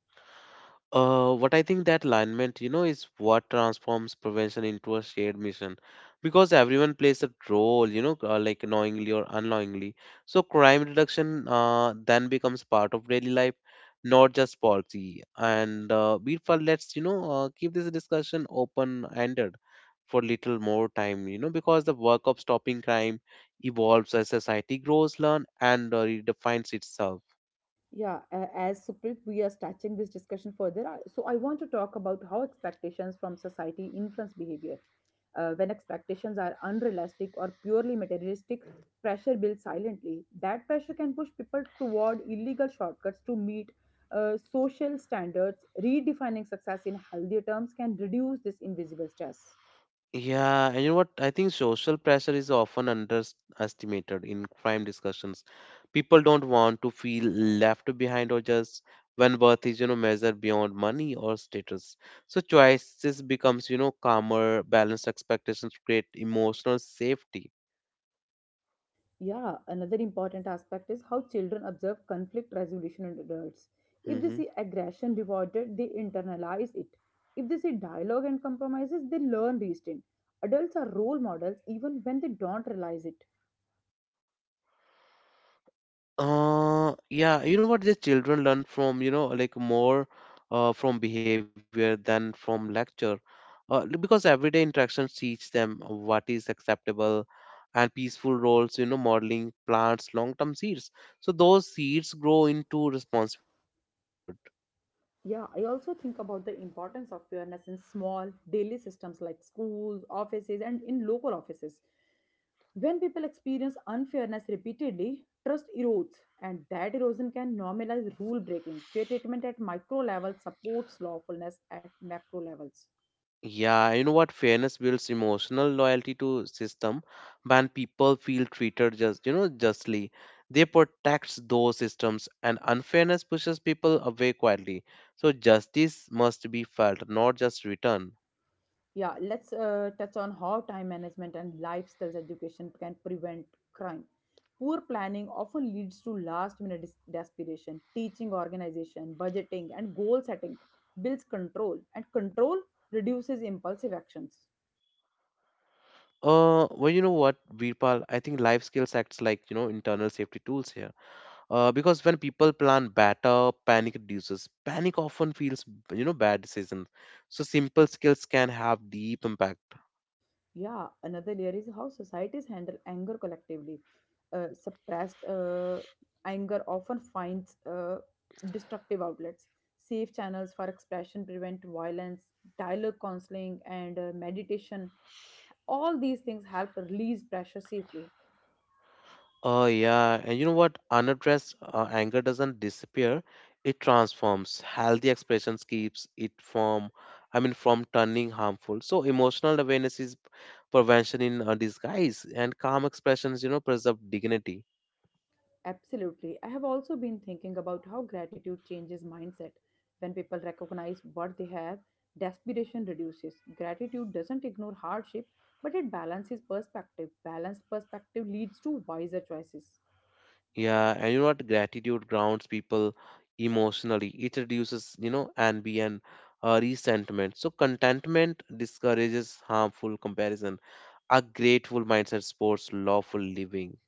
What I think that alignment, you know, is what transforms prevention into a shared mission because everyone plays a role, you know, like knowingly or unknowingly. So crime reduction then becomes part of daily life, not just policy. And we felt let's, you know, keep this discussion open-ended for little more time, you know, because the work of stopping crime evolves as society grows, learn, and redefines itself.
Yeah, as Suprit, we are stretching this discussion further. So, I want to talk about how expectations from society influence behavior. When expectations are unrealistic or purely materialistic, pressure builds silently. That pressure can push people toward illegal shortcuts to meet social standards. Redefining success in healthier terms can reduce this invisible stress.
Yeah, and you know what? I think social pressure is often underestimated in crime discussions. People don't want to feel left behind or just when worth is, you know, measured beyond money or status. So choices becomes, you know, calmer, balanced expectations create emotional safety.
Yeah, another important aspect is how children observe conflict resolution in adults. If they
Hmm.
see aggression rewarded, they internalize it. If they see dialogue and compromises, they learn restraint. Adults are role models even when they don't realize it.
Yeah, you know what? The children learn from, you know, like more from behavior than from lecture. Because everyday interactions teach them what is acceptable and peaceful roles, you know, modeling plants long-term seeds. So those seeds grow into responsible adulthood.
Yeah, I also think about the importance of fairness in small daily systems like schools, offices, and in local offices. When people experience unfairness repeatedly, trust erodes, and that erosion can normalize rule breaking. Fair treatment at micro level supports lawfulness at macro levels.
Yeah, you know what? Fairness builds emotional loyalty to system when people feel you know, justly. They protects those systems and unfairness pushes people away quietly. So justice must be felt, not just written.
Yeah, let's touch on how time management and life skills education can prevent crime. Poor planning often leads to last minute desperation. Teaching organization, budgeting, and goal setting builds control, and control reduces impulsive actions.
Well, you know what, Virpal? I think life skills acts like, you know, internal safety tools here. Because when people plan better panic reduces panic often feels bad decisions. So simple skills can have deep impact.
Yeah, another layer is how societies handle anger collectively. Suppressed anger often finds destructive outlets. Safe channels for expression prevent violence, dialogue counseling, and meditation. All these things help release pressure safely.
Oh yeah, and you know what, unaddressed anger doesn't disappear, it transforms. Healthy expressions keeps it from from turning harmful. So emotional awareness is prevention in disguise, and calm expressions, you know, preserve dignity.
Absolutely. I have also been thinking about how gratitude changes mindset. When people recognize what they have, desperation reduces. Gratitude doesn't ignore hardship, but it balances perspective. Balanced perspective leads to wiser choices.
Yeah, and you know what? Gratitude grounds people emotionally. It reduces, you know, envy and resentment. So contentment discourages harmful comparison. A grateful mindset supports lawful living.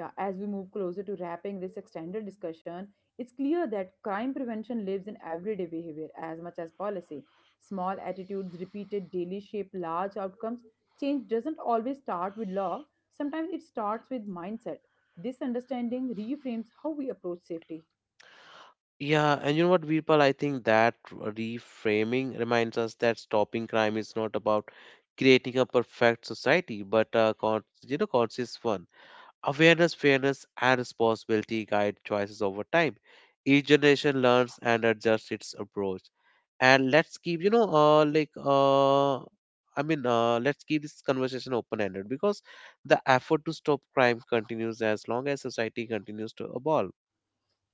Yeah, as we move closer to wrapping this extended discussion, it's clear that crime prevention lives in everyday behavior as much as policy. Small attitudes repeated daily shape large outcomes. Change doesn't always start with law, sometimes it starts with mindset. This understanding reframes how we approach safety.
Yeah, and you know what, Virpal? I think that reframing reminds us that stopping crime is not about creating a perfect society, but a you know, conscious one. Awareness, fairness, and responsibility guide choices over time. Each generation learns and adjusts its approach. And let's keep, you know, let's keep this conversation open ended because the effort to stop crime continues as long as society continues to evolve.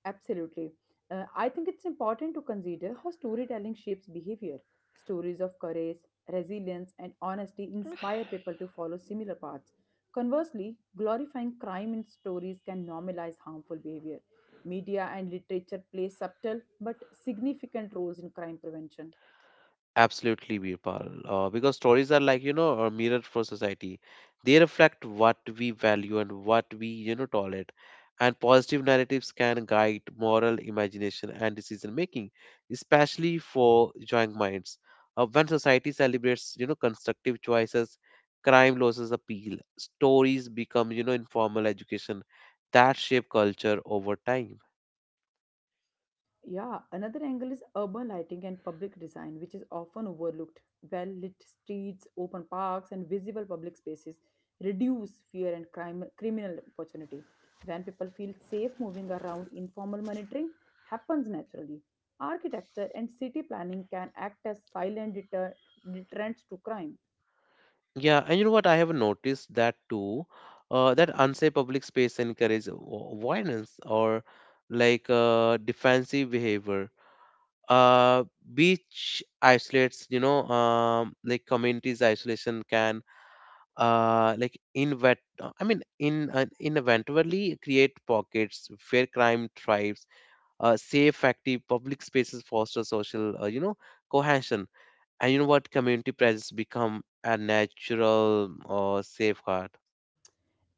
Absolutely. I think it's important to consider how storytelling shapes behavior. Stories of courage, resilience, and honesty inspire people to follow similar paths. Conversely, glorifying crime in stories can normalize harmful behavior. Media and literature play subtle but significant roles in crime prevention.
Absolutely, Birpal. Because stories are like, you know, a mirror for society. They reflect what we value and what we, you know, tolerate. And positive narratives can guide moral imagination and decision making, especially for young minds. When society celebrates, you know, constructive choices, crime losses appeal. Stories become, you know, informal education that shape culture over time.
Yeah, another angle is urban lighting and public design, which is often overlooked. Well lit streets, open parks, and visible public spaces reduce fear and crime, criminal opportunity. When people feel safe moving around, informal monitoring happens naturally. Architecture and city planning can act as silent deterrents to crime.
Yeah, and you know what? I have noticed that too. That unsafe public space encourages violence or like defensive behavior. Uh, beach isolates, you know, like communities isolation can, like invent. I mean, in inevitably create pockets where crime thrives. Safe, active public spaces foster social, you know, cohesion, and you know what, community presence become a natural or safeguard.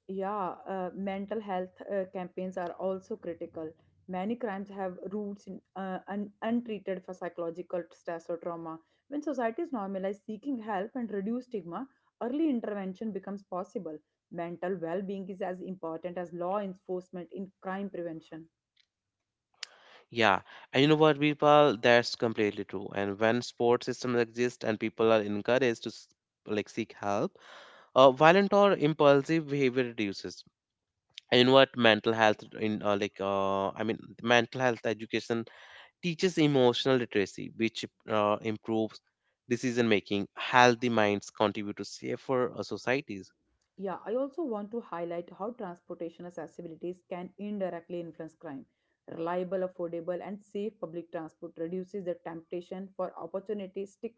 Yeah, mental health campaigns are also critical. Many crimes have roots in untreated for psychological stress or trauma. When societies normalize seeking help and reduce stigma, early intervention becomes possible. Mental well being is as important as law enforcement in crime prevention.
Yeah, and you know what people, that's completely true, and when support systems exist and people are encouraged to like seek help, violent or impulsive behavior reduces. And you know what, mental health in mental health education teaches emotional literacy, which improves decision making. Healthy minds contribute to safer societies.
Yeah, I also want to highlight how transportation accessibilities can indirectly influence crime. Reliable, affordable, and safe public transport reduces the temptation for opportunistic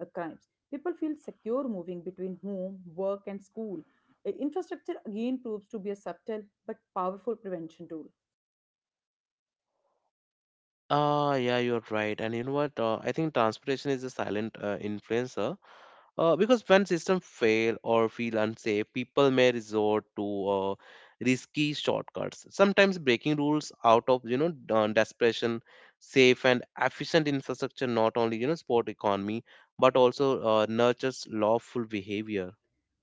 crimes. People feel secure moving between home, work, and school. Infrastructure again proves to be a subtle but powerful prevention tool.
Ah, yeah, you're right. And you know what? I think transportation is a silent influencer because when systems fail or feel unsafe, people may resort to risky shortcuts. Sometimes breaking rules out of desperation. Safe and efficient infrastructure not only support economy but also nurtures lawful behavior.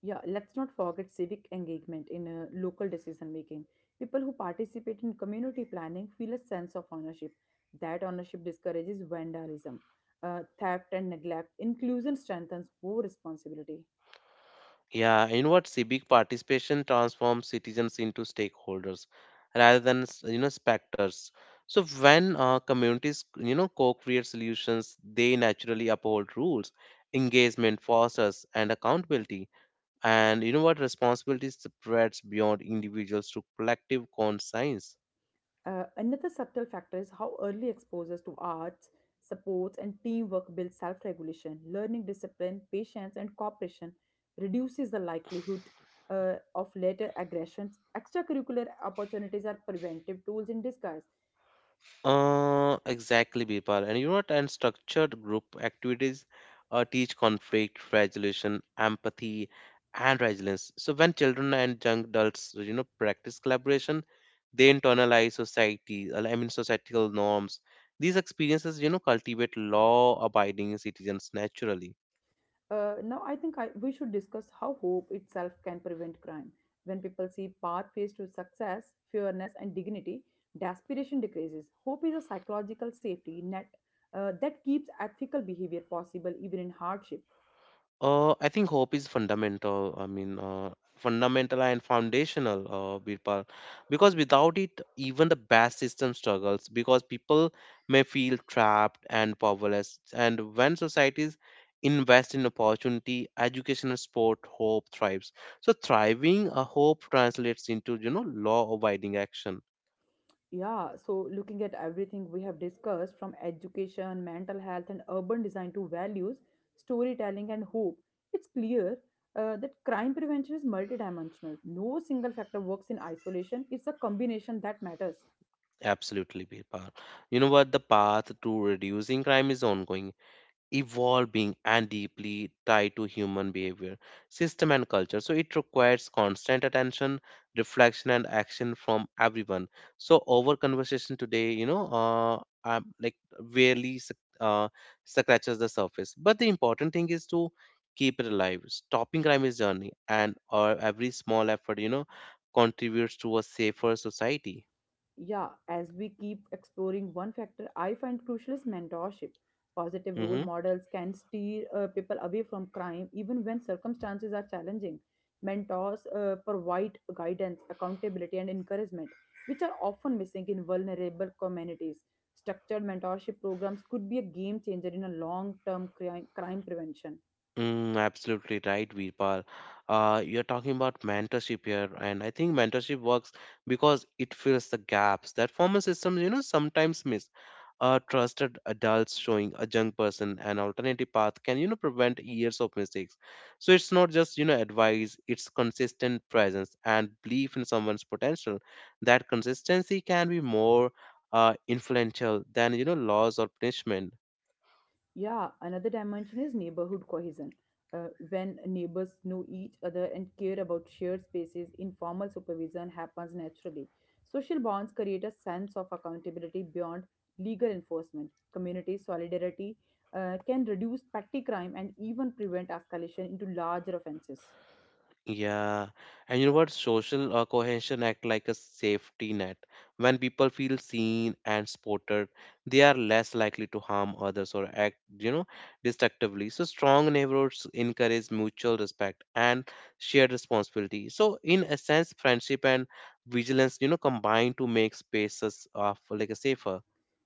Yeah, let's not forget civic engagement in local decision making. People who participate in community planning feel a sense of ownership. That ownership discourages vandalism, theft, and neglect. Inclusion strengthens more responsibility.
Yeah, you know what? Civic participation transforms citizens into stakeholders rather than you know spectators. So when communities, you know, co-create solutions, they naturally uphold rules, engagement fosters, and accountability. And you know what? Responsibility spreads beyond individuals to collective conscience.
Another subtle factor is how early exposures to arts, supports, and teamwork build self regulation. Learning discipline, patience, and cooperation reduces the likelihood of later aggressions. Extracurricular opportunities are preventive tools in disguise.
Exactly, Bipal. And you know what? And structured group activities teach conflict resolution, empathy, and resilience. So when children and young adults, you know, practice collaboration, they internalize society. Societal norms. These experiences, you know, cultivate law-abiding citizens naturally.
Now, I think I, We should discuss how hope itself can prevent crime. When people see pathways to success, fairness, and dignity, desperation decreases. Hope is a psychological safety net that keeps ethical behavior possible even in hardship.
I think hope is fundamental. Fundamental and foundational, Birpal, because without it, even the best system struggles because people may feel trapped and powerless. And when societies invest in opportunity, education, and sport, hope thrives. So thriving, a hope translates into, you know, law-abiding action.
Yeah, so looking at everything we have discussed from education, mental health, and urban design to values, storytelling, and hope, it's clear that crime prevention is multidimensional. No single factor works in isolation, it's a combination that matters.
Absolutely, Birpal. You know what? The path to reducing crime is ongoing, evolving, and deeply tied to human behavior, system, and culture. So it requires constant attention, reflection, and action from everyone. So our conversation today, you know, like really scratches the surface. But the important thing is to keep it alive. Stopping crime is journey, and or every small effort, you know, contributes to a safer society.
Yeah, as we keep exploring, one factor I find crucial is mentorship. Positive role
Mhm.
models can steer people away from crime even when circumstances are challenging. Mentors provide guidance, accountability, and encouragement, which are often missing in vulnerable communities. Structured mentorship programs could be a game changer in a long term crime prevention.
Absolutely right, Virpal. You're talking about mentorship here, and I think mentorship works because it fills the gaps that former systems, you know, sometimes miss. A trusted adults showing a young person an alternative path can, you know, prevent years of mistakes. So it's not just, you know, advice, it's consistent presence and belief in someone's potential. That consistency can be more influential than, you know, laws or punishment.
Yeah, another dimension is neighborhood cohesion. When neighbors know each other and care about shared spaces, informal supervision happens naturally. Social bonds create a sense of accountability beyond legal enforcement. Community solidarity can reduce petty crime and even prevent escalation into larger offenses.
Yeah, and you know what? Social cohesion act like a safety net. When people feel seen and supported, they are less likely to harm others or act, you know, destructively. So strong neighborhoods encourage mutual respect and shared responsibility. So in a sense, friendship and vigilance, you know, combine to make spaces of like a safer.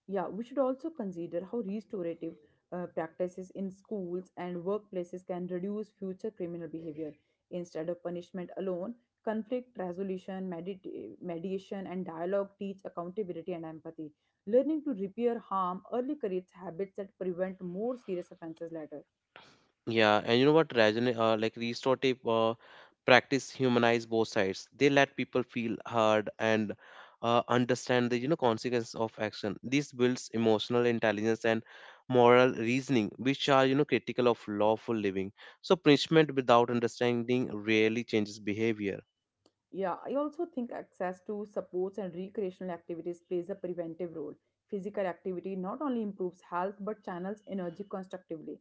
Yeah, we should also consider how restorative practices in schools and workplaces can reduce future criminal behavior. Instead of punishment alone, conflict resolution, mediation, and dialogue teach accountability and empathy. Learning to repair harm early creates habits that prevent more serious offenses later.
Yeah, and you know what, Rajan, like restorative practice humanize both sides. They let people feel heard and understand the you know consequence of action. This builds emotional intelligence and moral reasoning, which are you know critical of lawful living. So punishment without understanding rarely changes behavior.
Yeah, I also think access to sports and recreational activities plays a preventive role. Physical activity not only improves health but channels energy constructively.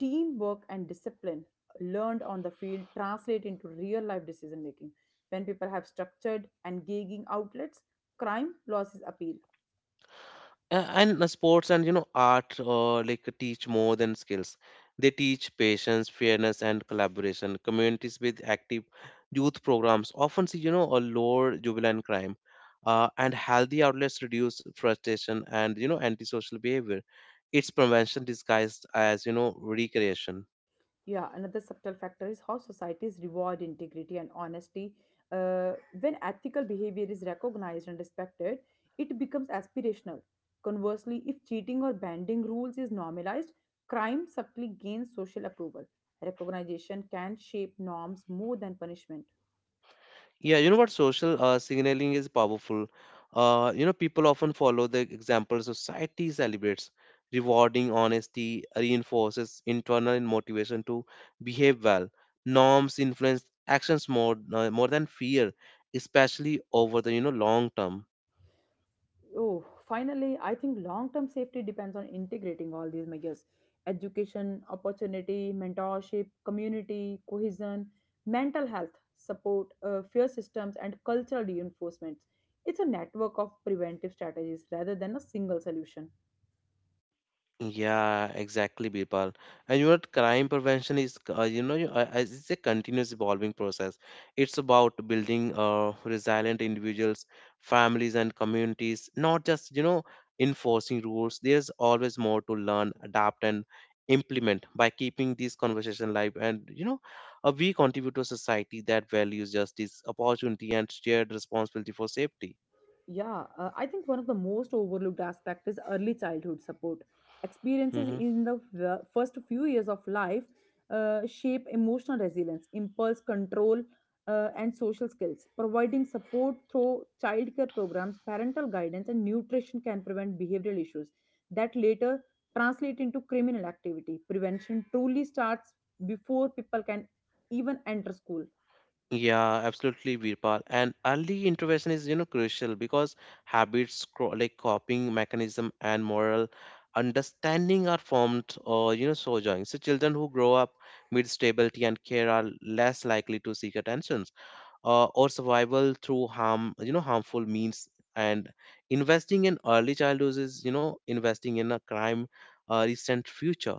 Teamwork and discipline learned on the field translate into real life decision making. When people have structured and gauging outlets, crime losses appeal.
And sports and you know art like teach more than skills. They teach patience, fairness, and collaboration. Communities with active youth programs often see, you know, a lower juvenile crime, and healthy outlets reduce frustration and you know antisocial behavior. It's prevention disguised as you know recreation.
Yeah, another subtle factor is how societies reward integrity and honesty. Uh, when ethical behavior is recognized and respected, it becomes aspirational. Conversely, if cheating or bending rules is normalized, crime subtly gains social approval. Recognition can shape norms more than punishment.
Yeah, you know what? Social signaling is powerful. You know, people often follow the example society celebrates, rewarding honesty, reinforces internal motivation to behave well. Norms influence actions more than fear, especially over the you know long term.
Oh, finally, I think long term safety depends on integrating all these measures: education, opportunity, mentorship, community, cohesion, mental health support, fear systems, and cultural reinforcements. It's a network of preventive strategies rather than a single solution.
Yeah, exactly, Birpal. And you know what? Crime prevention is, you know, as it's a continuous evolving process. It's about building resilient individuals, families, and communities, not just, you know, enforcing rules. There's always more to learn, adapt, and implement by keeping these conversation live. And, you know, we contribute to a society that values justice, opportunity, and shared responsibility for safety.
Yeah, I think one of the most overlooked aspect is early childhood support. Experiences
Mm-hmm.
in the first few years of life shape emotional resilience, impulse control, and social skills. Providing support through childcare programs, parental guidance, and nutrition can prevent behavioral issues that later translate into criminal activity. Prevention truly starts before people can even enter school.
Yeah, absolutely, Virpal. And early intervention is, you know, crucial because habits like coping mechanism and moral understanding are formed or, you know, sojourning. So children who grow up with stability and care are less likely to seek attentions or survival through harm, you know, harmful means. And investing in early childhood is, you know, investing in a crime recent future.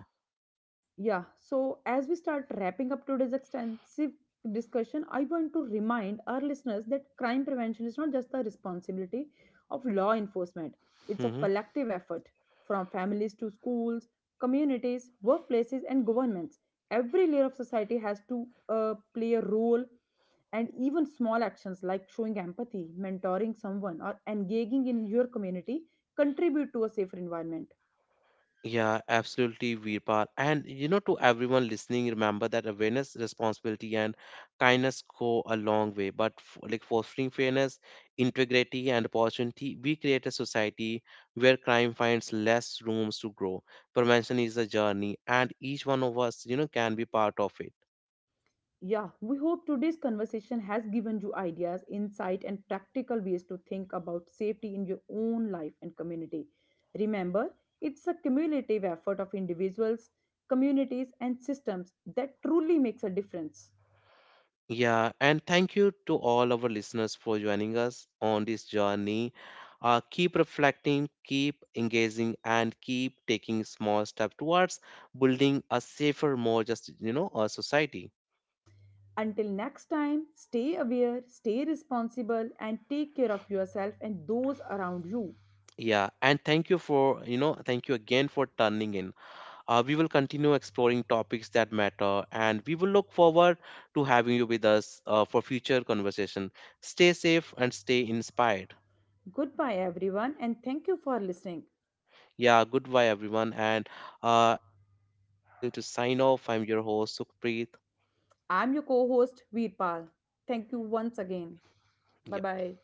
Yeah, so as we start wrapping up today's extensive discussion, I want to remind our listeners that crime prevention is not just the responsibility of law enforcement, it's a
Mm-hmm.
collective effort from families to schools, communities, workplaces, and governments. Every layer of society has to play a role, and even small actions like showing empathy, mentoring someone, or engaging in your community contribute to a safer environment.
Yeah, absolutely, Veerpal. And you know, to everyone listening, remember that awareness, responsibility, and kindness go a long way. But like fostering fairness, integrity, and opportunity, we create a society where crime finds less rooms to grow. Prevention is a journey, and each one of us, you know, can be part of it.
Yeah, we hope today's conversation has given you ideas, insight, and practical ways to think about safety in your own life and community. Remember, it's a cumulative effort of individuals, communities, and systems that truly makes a difference.
Yeah, and thank you to all our listeners for joining us on this journey. Keep reflecting, keep engaging, and keep taking small steps towards building a safer, more just, you know, a society.
Until next time, stay aware, stay responsible, and take care of yourself and those around you.
Yeah, and thank you for, you know, thank you again for turning in. We will continue exploring topics that matter, and we will look forward to having you with us for future conversation. Stay safe and stay inspired.
Goodbye, everyone, and thank you for listening.
Yeah, goodbye everyone, and I'm like we are going to sign off. I'm your host Sukhpreet.
I'm your co host, Veerpal. Thank you once again. Bye
Yep.
bye.